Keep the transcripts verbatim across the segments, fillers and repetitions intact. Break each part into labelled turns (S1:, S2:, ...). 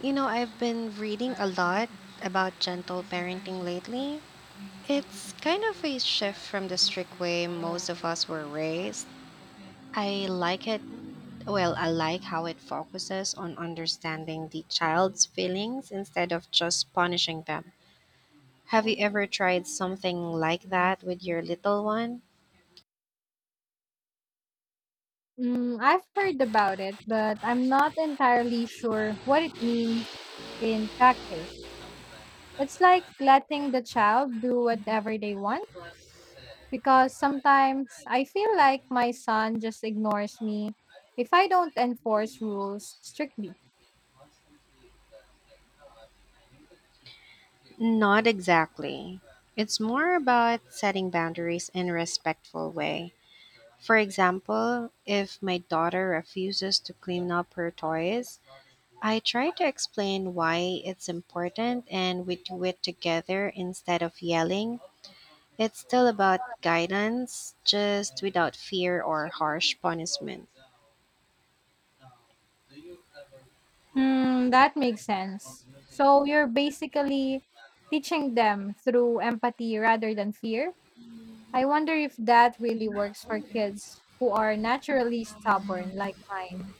S1: You know, I've been reading a lot about gentle parenting lately. It's kind of a shift from the strict way most of us were raised. I like it. Well, I like how it focuses on understanding the child's feelings instead of just punishing them. Have you ever tried something like that with your little one?
S2: Mm, I've heard about it, but I'm not entirely sure what it means in practice. It's like letting the child do whatever they want because sometimes I feel like my son just ignores me if I don't enforce rules strictly.
S1: Not exactly. It's more about setting boundaries in a respectful way. For example, if my daughter refuses to clean up her toys, I try to explain why it's important and we do it together instead of yelling. It's still about guidance, just without fear or harsh punishment.
S2: Hmm, that makes sense. So you're basically teaching them through empathy rather than fear. I wonder if that really works for kids who are naturally stubborn like mine.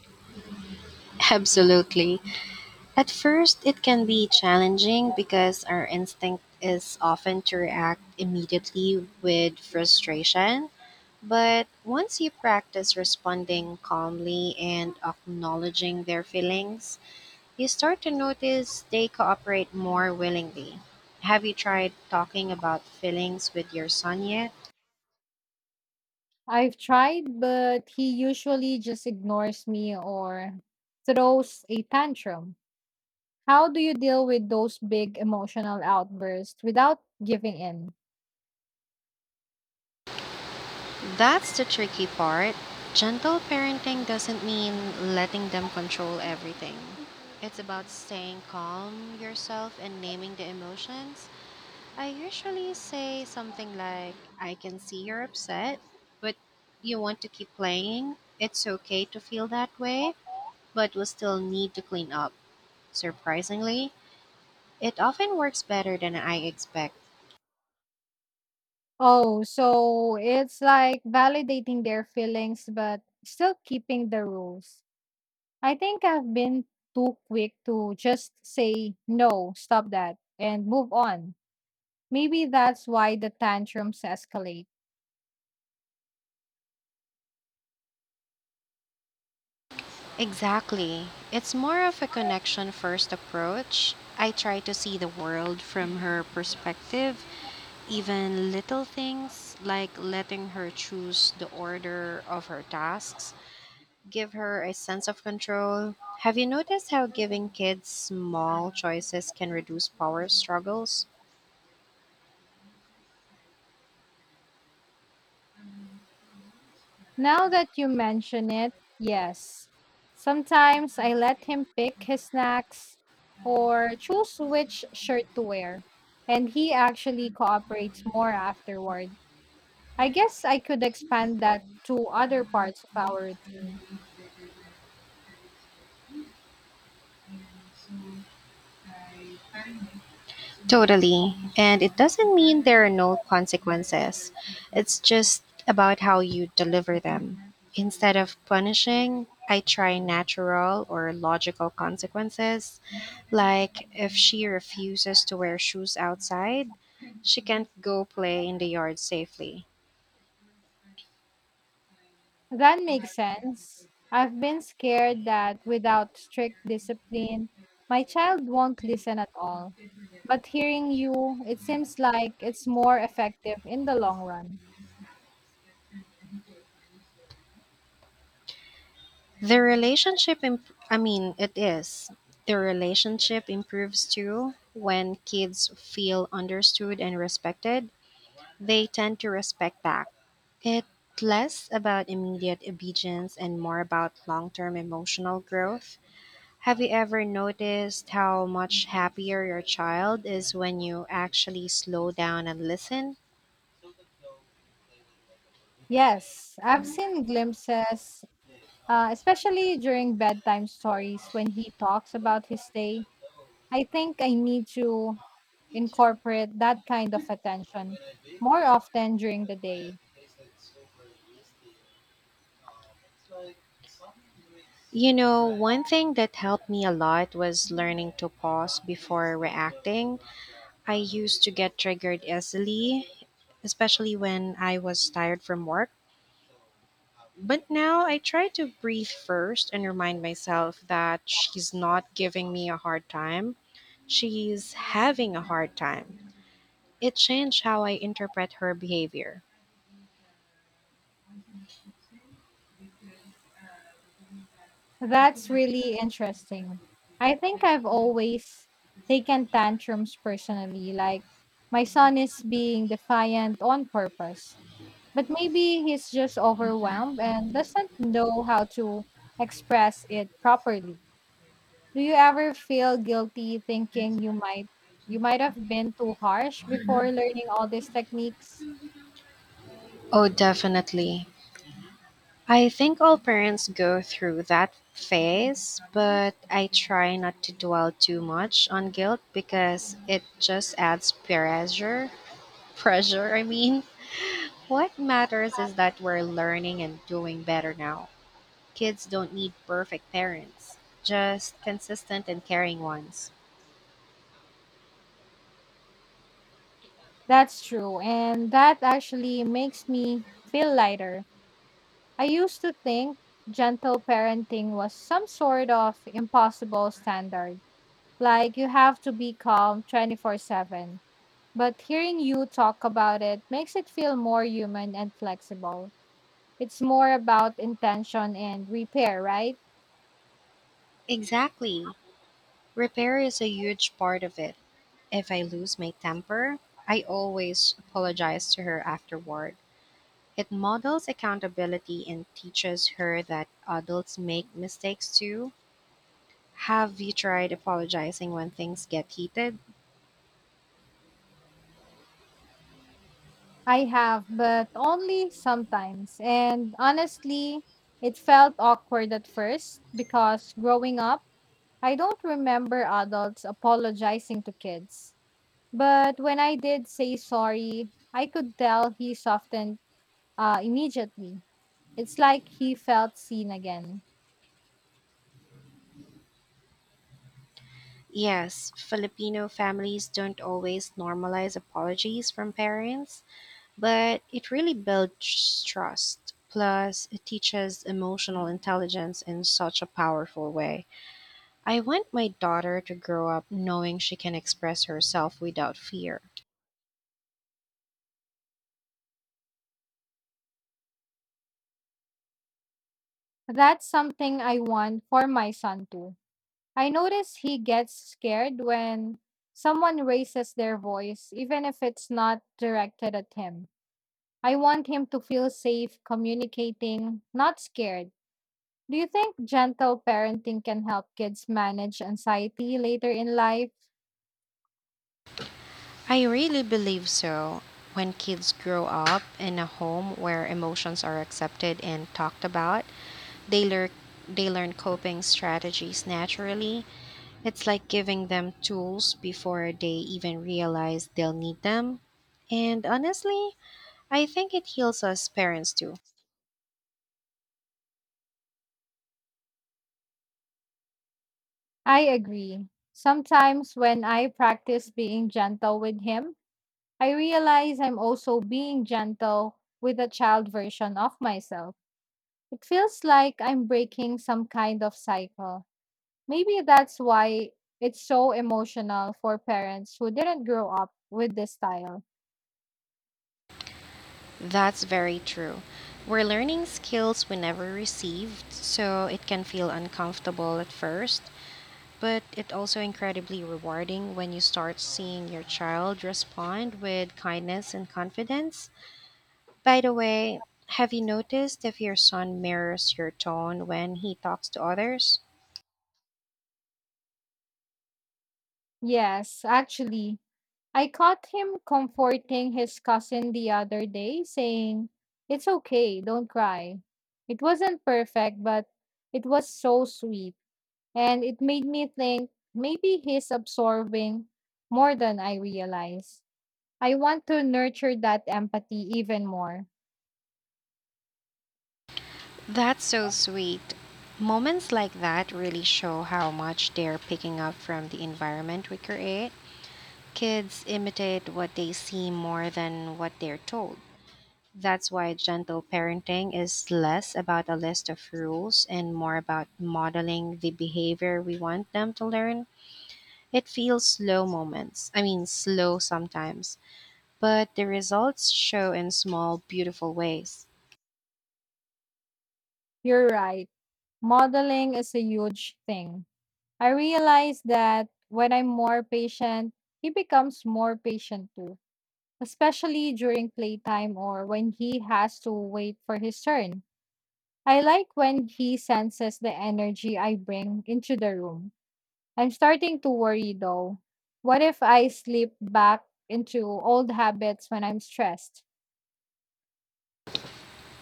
S1: Absolutely. At first, it can be challenging because our instinct is often to react immediately with frustration. But once you practice responding calmly and acknowledging their feelings, you start to notice they cooperate more willingly. Have you tried talking about feelings with your son yet?
S2: I've tried, but he usually just ignores me or throws a tantrum. How do you deal with those big emotional outbursts without giving in?
S1: That's the tricky part. Gentle parenting doesn't mean letting them control everything. It's about staying calm yourself and naming the emotions. I usually say something like, I can see you're upset, but you want to keep playing. It's okay to feel that way, but we still need to clean up. Surprisingly, it often works better than I expect.
S2: Oh, so it's like validating their feelings, but still keeping the rules. I think I've been too quick to just say, no, stop that, and move on. Maybe that's why the tantrums escalate.
S1: Exactly. It's more of a connection first approach. I try to see the world from her perspective even little things like letting her choose the order of her tasks give her a sense of control. Have you noticed how giving kids small choices can reduce power struggles?
S2: Now that you mention it, yes. Sometimes I let him pick his snacks or choose which shirt to wear, and he actually cooperates more afterward. I guess I could expand that to other parts of our routine.
S1: Totally. And it doesn't mean there are no consequences, it's just about how you deliver them. Instead of punishing, I try natural or logical consequences. Like if she refuses to wear shoes outside, she can't go play in the yard safely.
S2: That makes sense. I've been scared that without strict discipline, my child won't listen at all. But hearing you, it seems like it's more effective in the long run.
S1: The relationship, imp- I mean, it is. The relationship improves too when kids feel understood and respected. They tend to respect back. It's less about immediate obedience and more about long term emotional growth. Have you ever noticed how much happier your child is when you actually slow down and listen?
S2: Yes, I've seen glimpses, uh, especially during bedtime stories when he talks about his day. I think I need to incorporate that kind of attention more often during the day.
S1: You know, one thing that helped me a lot was learning to pause before reacting. I used to get triggered easily, especially when I was tired from work. But now I try to breathe first and remind myself that she's not giving me a hard time. She's having a hard time. It changed how I interpret her behavior.
S2: That's really interesting. I think I've always taken tantrums personally, like my son is being defiant on purpose, but maybe he's just overwhelmed and doesn't know how to express it properly. Do you ever feel guilty thinking you might you might have been too harsh before learning all these techniques?
S1: Oh, definitely. I think all parents go through that phase, but I try not to dwell too much on guilt because it just adds pressure. Pressure, I mean. What matters is that we're learning and doing better now. Kids don't need perfect parents, just consistent and caring ones.
S2: That's true, and that actually makes me feel lighter. I used to think gentle parenting was some sort of impossible standard, like you have to be calm twenty-four seven. But hearing you talk about it makes it feel more human and flexible. It's more about intention and repair, right?
S1: Exactly. Repair is a huge part of it. If I lose my temper, I always apologize to her afterward. It models accountability and teaches her that adults make mistakes too. Have you tried apologizing when things get heated?
S2: I have, but only sometimes. And honestly, it felt awkward at first because growing up, I don't remember adults apologizing to kids. But when I did say sorry, I could tell he softened uh, immediately. It's like he felt seen again.
S1: Yes, Filipino families don't always normalize apologies from parents. But it really builds trust. Plus, it teaches emotional intelligence in such a powerful way. I want my daughter to grow up knowing she can express herself without fear.
S2: That's something I want for my son too. I notice he gets scared when someone raises their voice, even if it's not directed at him. I want him to feel safe communicating, not scared. Do you think gentle parenting can help kids manage anxiety later in life?
S1: I really believe so. When kids grow up in a home where emotions are accepted and talked about, they learn they learn coping strategies naturally. It's like giving them tools before they even realize they'll need them. And honestly, I think it heals us parents too.
S2: I agree. Sometimes when I practice being gentle with him, I realize I'm also being gentle with a child version of myself. It feels like I'm breaking some kind of cycle. Maybe that's why it's so emotional for parents who didn't grow up with this style.
S1: That's very true. We're learning skills we never received, so it can feel uncomfortable at first, but it also incredibly rewarding when you start seeing your child respond with kindness and confidence. By the way, have you noticed if your son mirrors your tone when he talks to others?
S2: Yes, actually, I caught him comforting his cousin the other day, saying, it's okay, don't cry. It wasn't perfect, but it was so sweet. And it made me think maybe he's absorbing more than I realize. I want to nurture that empathy even more.
S1: That's so sweet. Moments like that really show how much they're picking up from the environment we create. Kids imitate what they see more than what they're told. That's why gentle parenting is less about a list of rules and more about modeling the behavior we want them to learn. It feels slow moments. I mean, slow sometimes, but the results show in small, beautiful ways.
S2: You're right. Modeling is a huge thing. I realize that when I'm more patient, he becomes more patient too, especially during playtime or when he has to wait for his turn. I like when he senses the energy I bring into the room. I'm starting to worry though. What if I slip back into old habits when I'm stressed?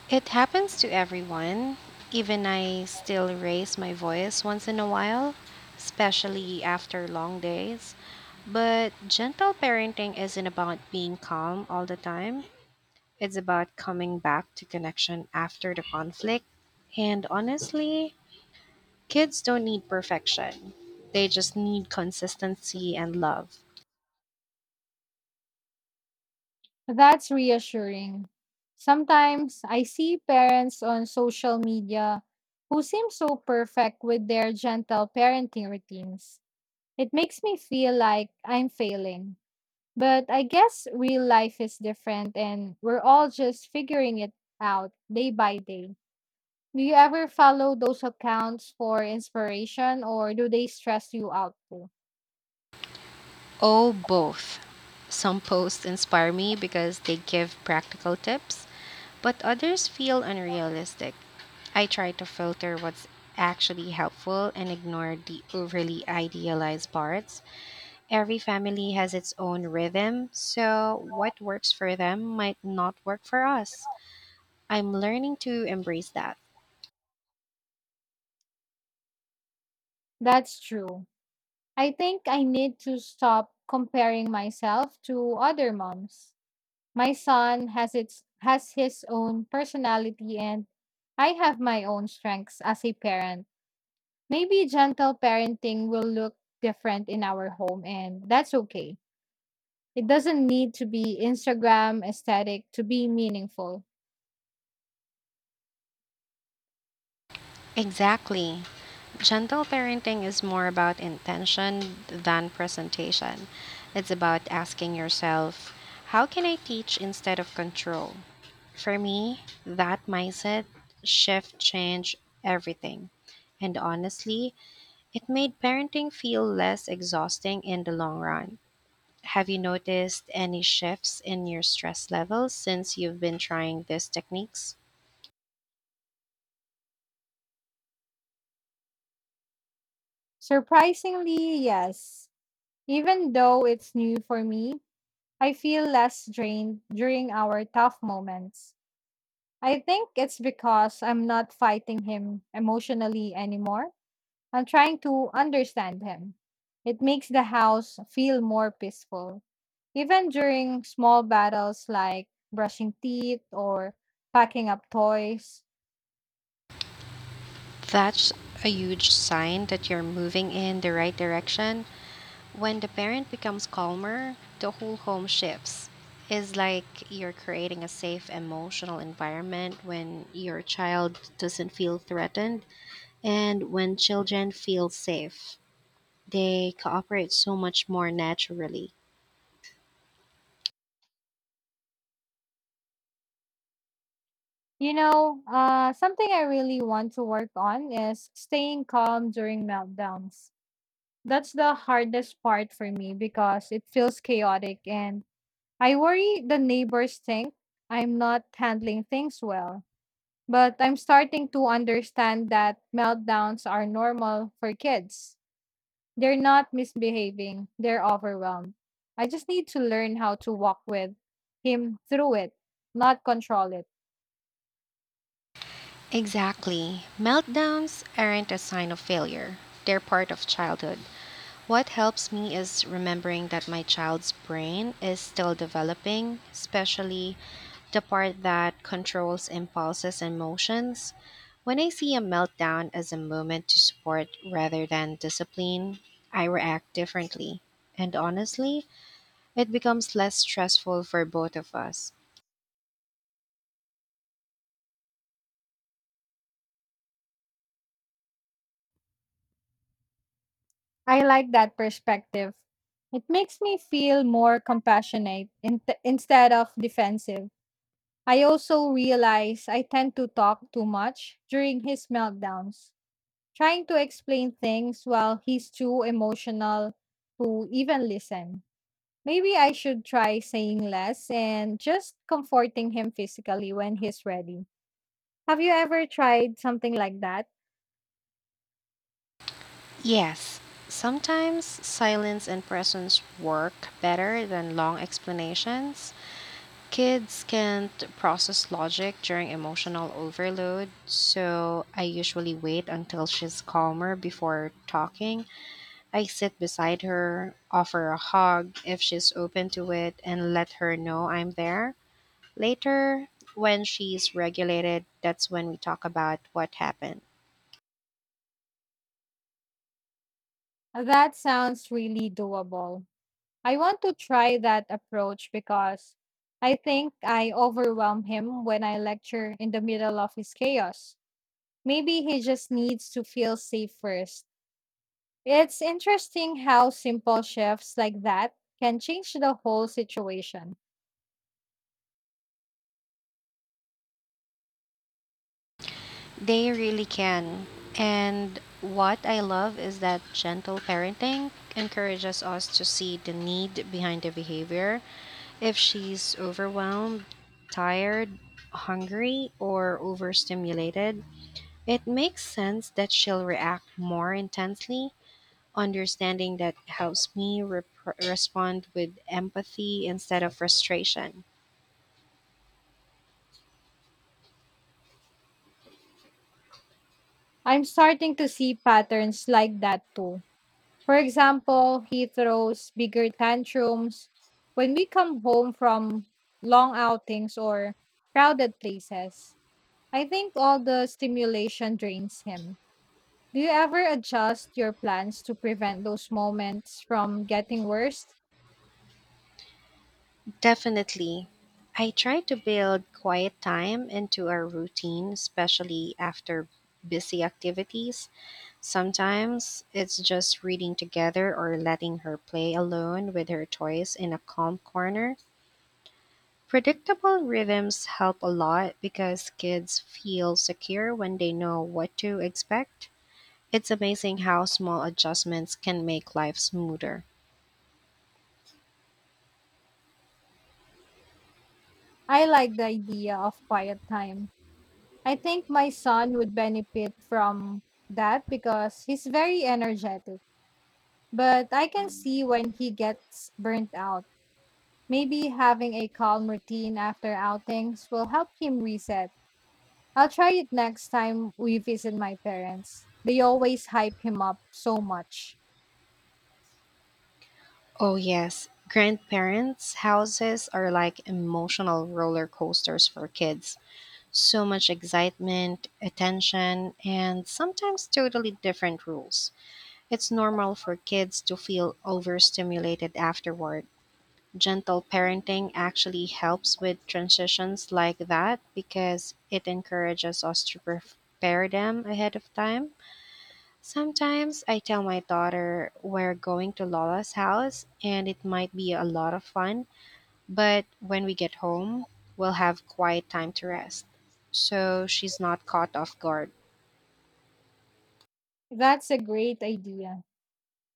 S1: It happens to everyone. Even I still raise my voice once in a while, especially after long days. But gentle parenting isn't about being calm all the time, it's about coming back to connection after the conflict. And honestly, kids don't need perfection, they just need consistency and love.
S2: That's reassuring. Sometimes I see parents on social media who seem so perfect with their gentle parenting routines. It makes me feel like I'm failing. But I guess real life is different and we're all just figuring it out day by day. Do you ever follow those accounts for inspiration or do they stress you out too?
S1: Oh, both. Some posts inspire me because they give practical tips, but others feel unrealistic. I try to filter what's actually helpful and ignore the overly idealized parts. Every family has its own rhythm, so what works for them might not work for us. I'm learning to embrace that.
S2: That's true. I think I need to stop comparing myself to other moms. My son has its has his own personality and I have my own strengths as a parent. Maybe gentle parenting will look different in our home and that's okay. It doesn't need to be Instagram aesthetic to be meaningful.
S1: Exactly. Gentle parenting is more about intention than presentation. It's about asking yourself, how can I teach instead of control? For me, that mindset shift changed everything. And honestly, it made parenting feel less exhausting in the long run. Have you noticed any shifts in your stress levels since you've been trying these techniques?
S2: Surprisingly, yes. Even though it's new for me, I feel less drained during our tough moments. I think it's because I'm not fighting him emotionally anymore. I'm trying to understand him. It makes the house feel more peaceful, even during small battles like brushing teeth or packing up toys.
S1: That's a huge sign that you're moving in the right direction. When the parent becomes calmer, the whole home shifts. It's like you're creating a safe emotional environment when your child doesn't feel threatened and when children feel safe. They cooperate so much more naturally.
S2: You know, uh, something I really want to work on is staying calm during meltdowns. That's the hardest part for me because it feels chaotic and I worry the neighbors think I'm not handling things well. But I'm starting to understand that meltdowns are normal for kids. They're not misbehaving, they're overwhelmed. I just need to learn how to walk with him through it, not control it.
S1: Exactly. Meltdowns aren't a sign of failure, they're part of childhood. What helps me is remembering that my child's brain is still developing, especially the part that controls impulses and emotions. When I see a meltdown as a moment to support rather than discipline, I react differently. And honestly, it becomes less stressful for both of us.
S2: I like that perspective. It makes me feel more compassionate in instead of defensive. I also realize I tend to talk too much during his meltdowns, trying to explain things while he's too emotional to even listen. Maybe I should try saying less and just comforting him physically when he's ready. Have you ever tried something like that?
S1: Yes, sometimes silence and presence work better than long explanations. Kids can't process logic during emotional overload, so I usually wait until she's calmer before talking. I sit beside her, offer a hug if she's open to it, and let her know I'm there. Later, when she's regulated, that's when we talk about what happened.
S2: That sounds really doable. I want to try that approach because I think I overwhelm him when I lecture in the middle of his chaos. Maybe he just needs to feel safe first. It's interesting how simple shifts like that can change the whole situation.
S1: They really can. And what I love is that gentle parenting encourages us to see the need behind the behavior. If she's overwhelmed, tired, hungry, or overstimulated, it makes sense that she'll react more intensely. Understanding that helps me repr respond with empathy instead of frustration.
S2: I'm starting to see patterns like that too. For example, he throws bigger tantrums when we come home from long outings or crowded places. I think all the stimulation drains him. Do you ever adjust your plans to prevent those moments from getting worse?
S1: Definitely. I try to build quiet time into our routine, especially after busy activities. Sometimes it's just reading together or letting her play alone with her toys in a calm corner. Predictable rhythms help a lot because kids feel secure when they know what to expect. It's amazing how small adjustments can make life smoother.
S2: I like the idea of quiet time. I think my son would benefit from that because he's very energetic. But I can see when he gets burnt out. Maybe having a calm routine after outings will help him reset. I'll try it next time we visit my parents. They always hype him up so much.
S1: Oh, yes. Grandparents' houses are like emotional roller coasters for kids. So much excitement, attention, and sometimes totally different rules. It's normal for kids to feel overstimulated afterward. Gentle parenting actually helps with transitions like that because it encourages us to prepare them ahead of time. Sometimes I tell my daughter we're going to Lola's house and it might be a lot of fun, but when we get home, we'll have quiet time to rest. So she's not caught off guard.
S2: That's a great idea.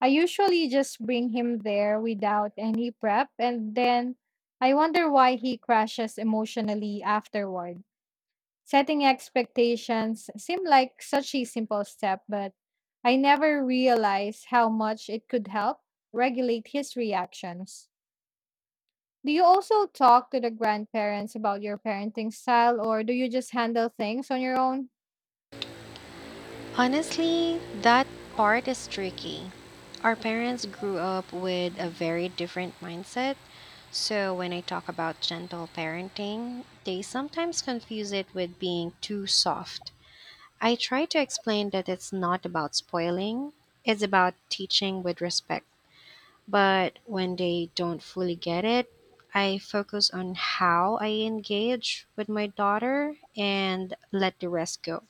S2: I usually just bring him there without any prep, and then I wonder why he crashes emotionally afterward. Setting expectations seem like such a simple step, but I never realized how much it could help regulate his reactions. Do you also talk to the grandparents about your parenting style, or do you just handle things on your own?
S1: Honestly, that part is tricky. Our parents grew up with a very different mindset, so when I talk about gentle parenting, they sometimes confuse it with being too soft. I try to explain that it's not about spoiling, it's about teaching with respect. But when they don't fully get it, I focus on how I engage with my daughter and let the rest go.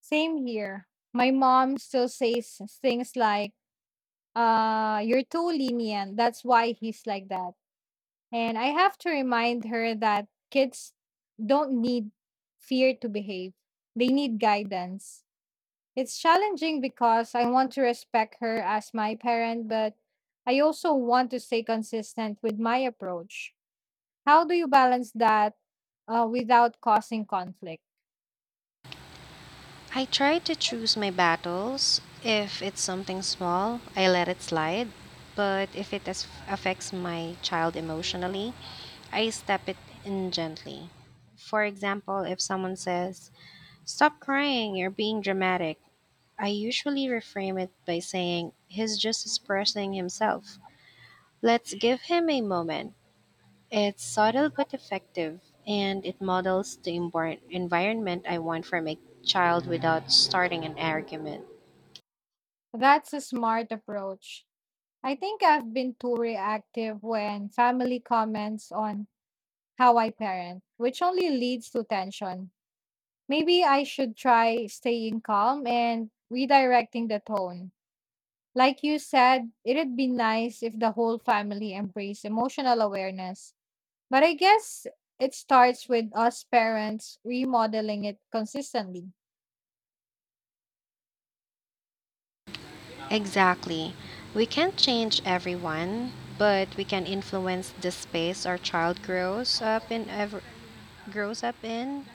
S2: Same here. My mom still says things like, uh, you're too lenient. That's why he's like that. And I have to remind her that kids don't need fear to behave, they need guidance. It's challenging because I want to respect her as my parent, but I also want to stay consistent with my approach. How do you balance that uh, without causing conflict?
S1: I try to choose my battles. If it's something small, I let it slide. But if it as- affects my child emotionally, I step it in gently. For example, if someone says, stop crying, you're being dramatic, I usually reframe it by saying, he's just expressing himself. Let's give him a moment. It's subtle but effective, and it models the envir- environment I want from a child without starting an argument.
S2: That's a smart approach. I think I've been too reactive when family comments on how I parent, which only leads to tension. Maybe I should try staying calm and redirecting the tone. Like you said, it'd be nice if the whole family embraced emotional awareness. But I guess it starts with us parents remodeling it consistently.
S1: Exactly. We can't change everyone, but we can influence the space our child grows up in ever- grows up in.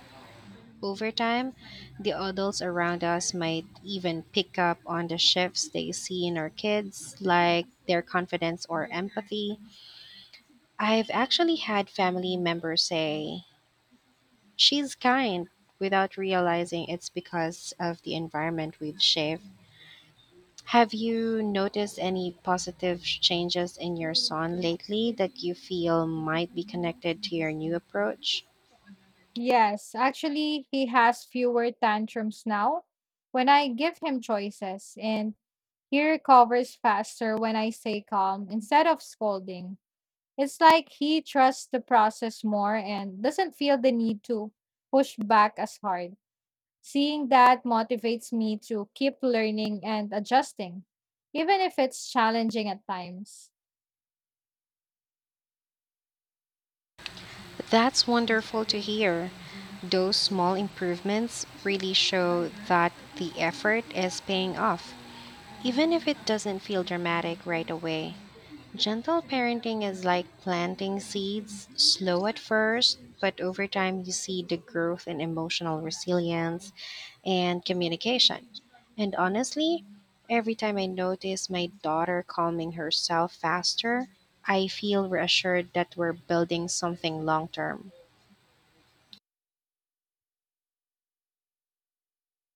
S1: Over time, the adults around us might even pick up on the shifts they see in our kids, like their confidence or empathy. I've actually had family members say, she's kind, without realizing it's because of the environment we've shaped. Have you noticed any positive changes in your son lately that you feel might be connected to your new approach?
S2: Yes, actually, he has fewer tantrums now when I give him choices, and he recovers faster when I stay calm instead of scolding. It's like he trusts the process more and doesn't feel the need to push back as hard. Seeing that motivates me to keep learning and adjusting, even if it's challenging at times.
S1: That's wonderful to hear. Those small improvements really show that the effort is paying off, even if it doesn't feel dramatic right away. Gentle parenting is like planting seeds, slow at first, but over time you see the growth in emotional resilience and communication. And honestly, every time I notice my daughter calming herself faster, I feel reassured that we're building something long term.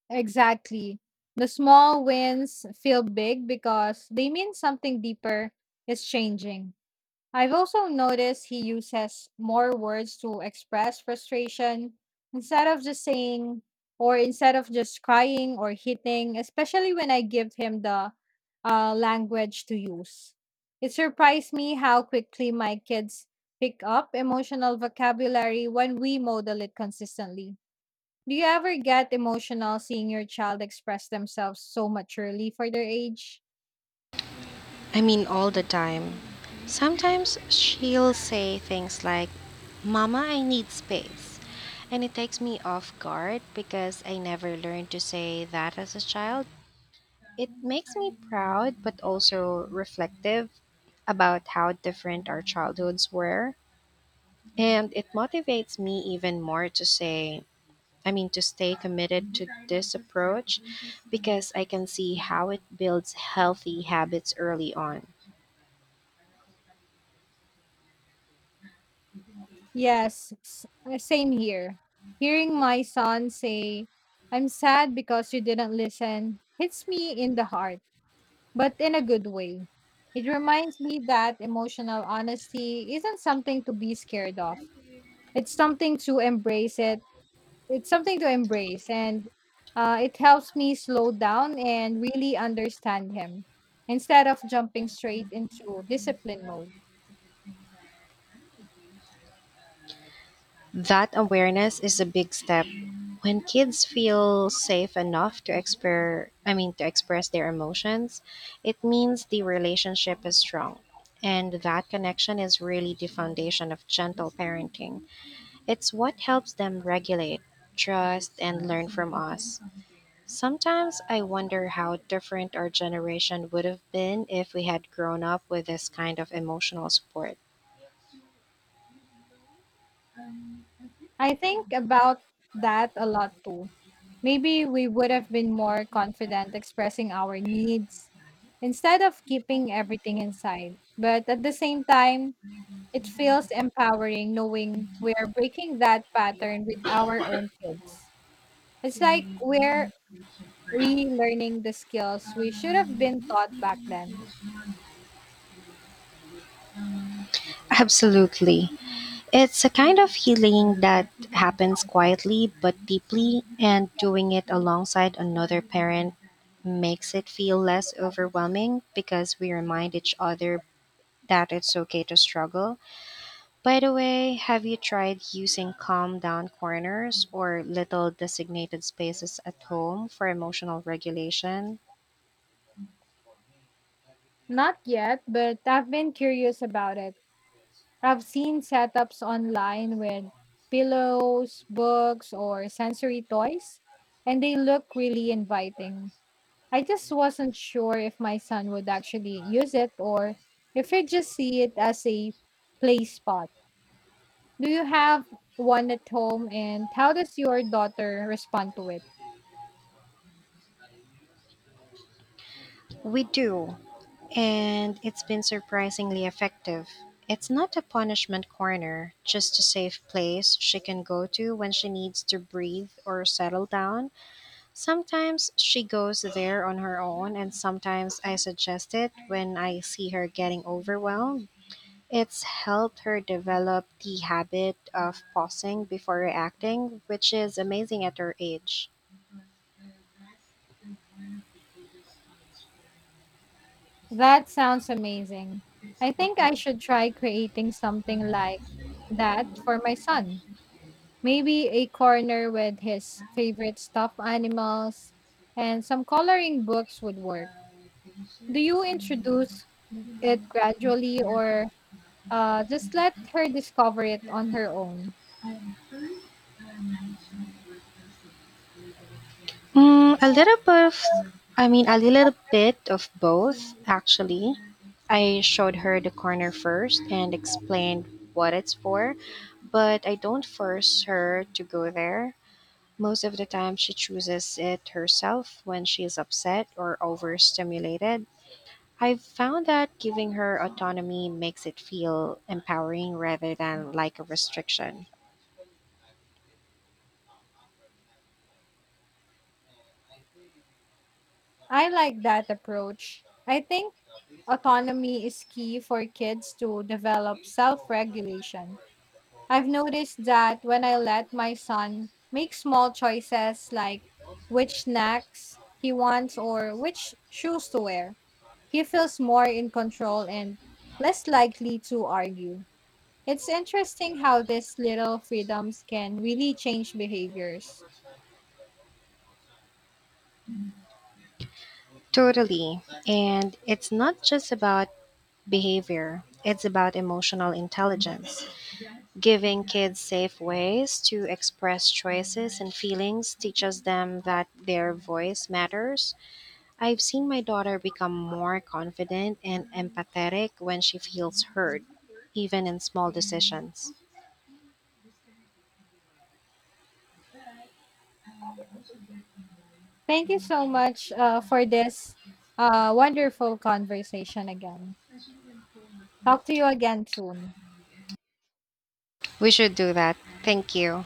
S2: Exactly. The small wins feel big because they mean something deeper is changing. I've also noticed he uses more words to express frustration instead of just saying or instead of just crying or hitting, especially when I give him the uh, language to use. It surprised me how quickly my kids pick up emotional vocabulary when we model it consistently. Do you ever get emotional seeing your child express themselves so maturely for their age?
S1: I mean, all the time. Sometimes she'll say things like, Mama, I need space. And it takes me off guard because I never learned to say that as a child. It makes me proud, but also reflective about how different our childhoods were. And it motivates me even more to say, I mean, to stay committed to this approach because I can see how it builds healthy habits early on.
S2: Yes, s- uh, same here. Hearing my son say, I'm sad because you didn't listen, hits me in the heart, but in a good way. It reminds me that emotional honesty isn't something to be scared of. It's something to embrace it. It's something to embrace. And uh, it helps me slow down and really understand him instead of jumping straight into discipline mode.
S1: That awareness is a big step. When kids feel safe enough to express I mean to express their emotions, it means the relationship is strong. And that connection is really the foundation of gentle parenting. It's what helps them regulate, trust, and learn from us. Sometimes I wonder how different our generation would have been if we had grown up with this kind of emotional support.
S2: I think about that a lot too. Maybe we would have been more confident expressing our needs instead of keeping everything inside. But at the same time, it feels empowering knowing we are breaking that pattern with our own kids. It's like we're relearning the skills we should have been taught back then.
S1: Absolutely. It's a kind of healing that happens quietly but deeply, and doing it alongside another parent makes it feel less overwhelming because we remind each other that it's okay to struggle. By the way, have you tried using calm down corners or little designated spaces at home for emotional regulation?
S2: Not yet, but I've been curious about it. I've seen setups online with pillows, books, or sensory toys, and they look really inviting. I just wasn't sure if my son would actually use it or if he'd just see it as a play spot. Do you have one at home, and how does your daughter respond to it?
S1: We do. And it's been surprisingly effective. It's not a punishment corner, just a safe place she can go to when she needs to breathe or settle down. Sometimes she goes there on her own, and sometimes I suggest it when I see her getting overwhelmed. It's helped her develop the habit of pausing before reacting, which is amazing at her age.
S2: That sounds amazing. I think I should try creating something like that for my son. Maybe a corner with his favorite stuffed animals, and some coloring books would work. Do you introduce it gradually or uh, just let her discover it on her own?
S1: Mm, a little bit of, I mean, a little bit of both, actually. I showed her the corner first and explained what it's for, but I don't force her to go there. Most of the time, she chooses it herself when she is upset or overstimulated. I've found that giving her autonomy makes it feel empowering rather than like a restriction.
S2: I like that approach. I think autonomy is key for kids to develop self regulation. I've noticed that when I let my son make small choices like which snacks he wants or which shoes to wear, he feels more in control and less likely to argue. It's interesting how these little freedoms can really change behaviors.
S1: Totally. And it's not just about behavior, it's about emotional intelligence. Giving kids safe ways to express choices and feelings teaches them that their voice matters. I've seen my daughter become more confident and empathetic when she feels heard, even in small decisions.
S2: Thank you so much uh, for this uh, wonderful conversation again. Talk to you again soon.
S1: We should do that. Thank you.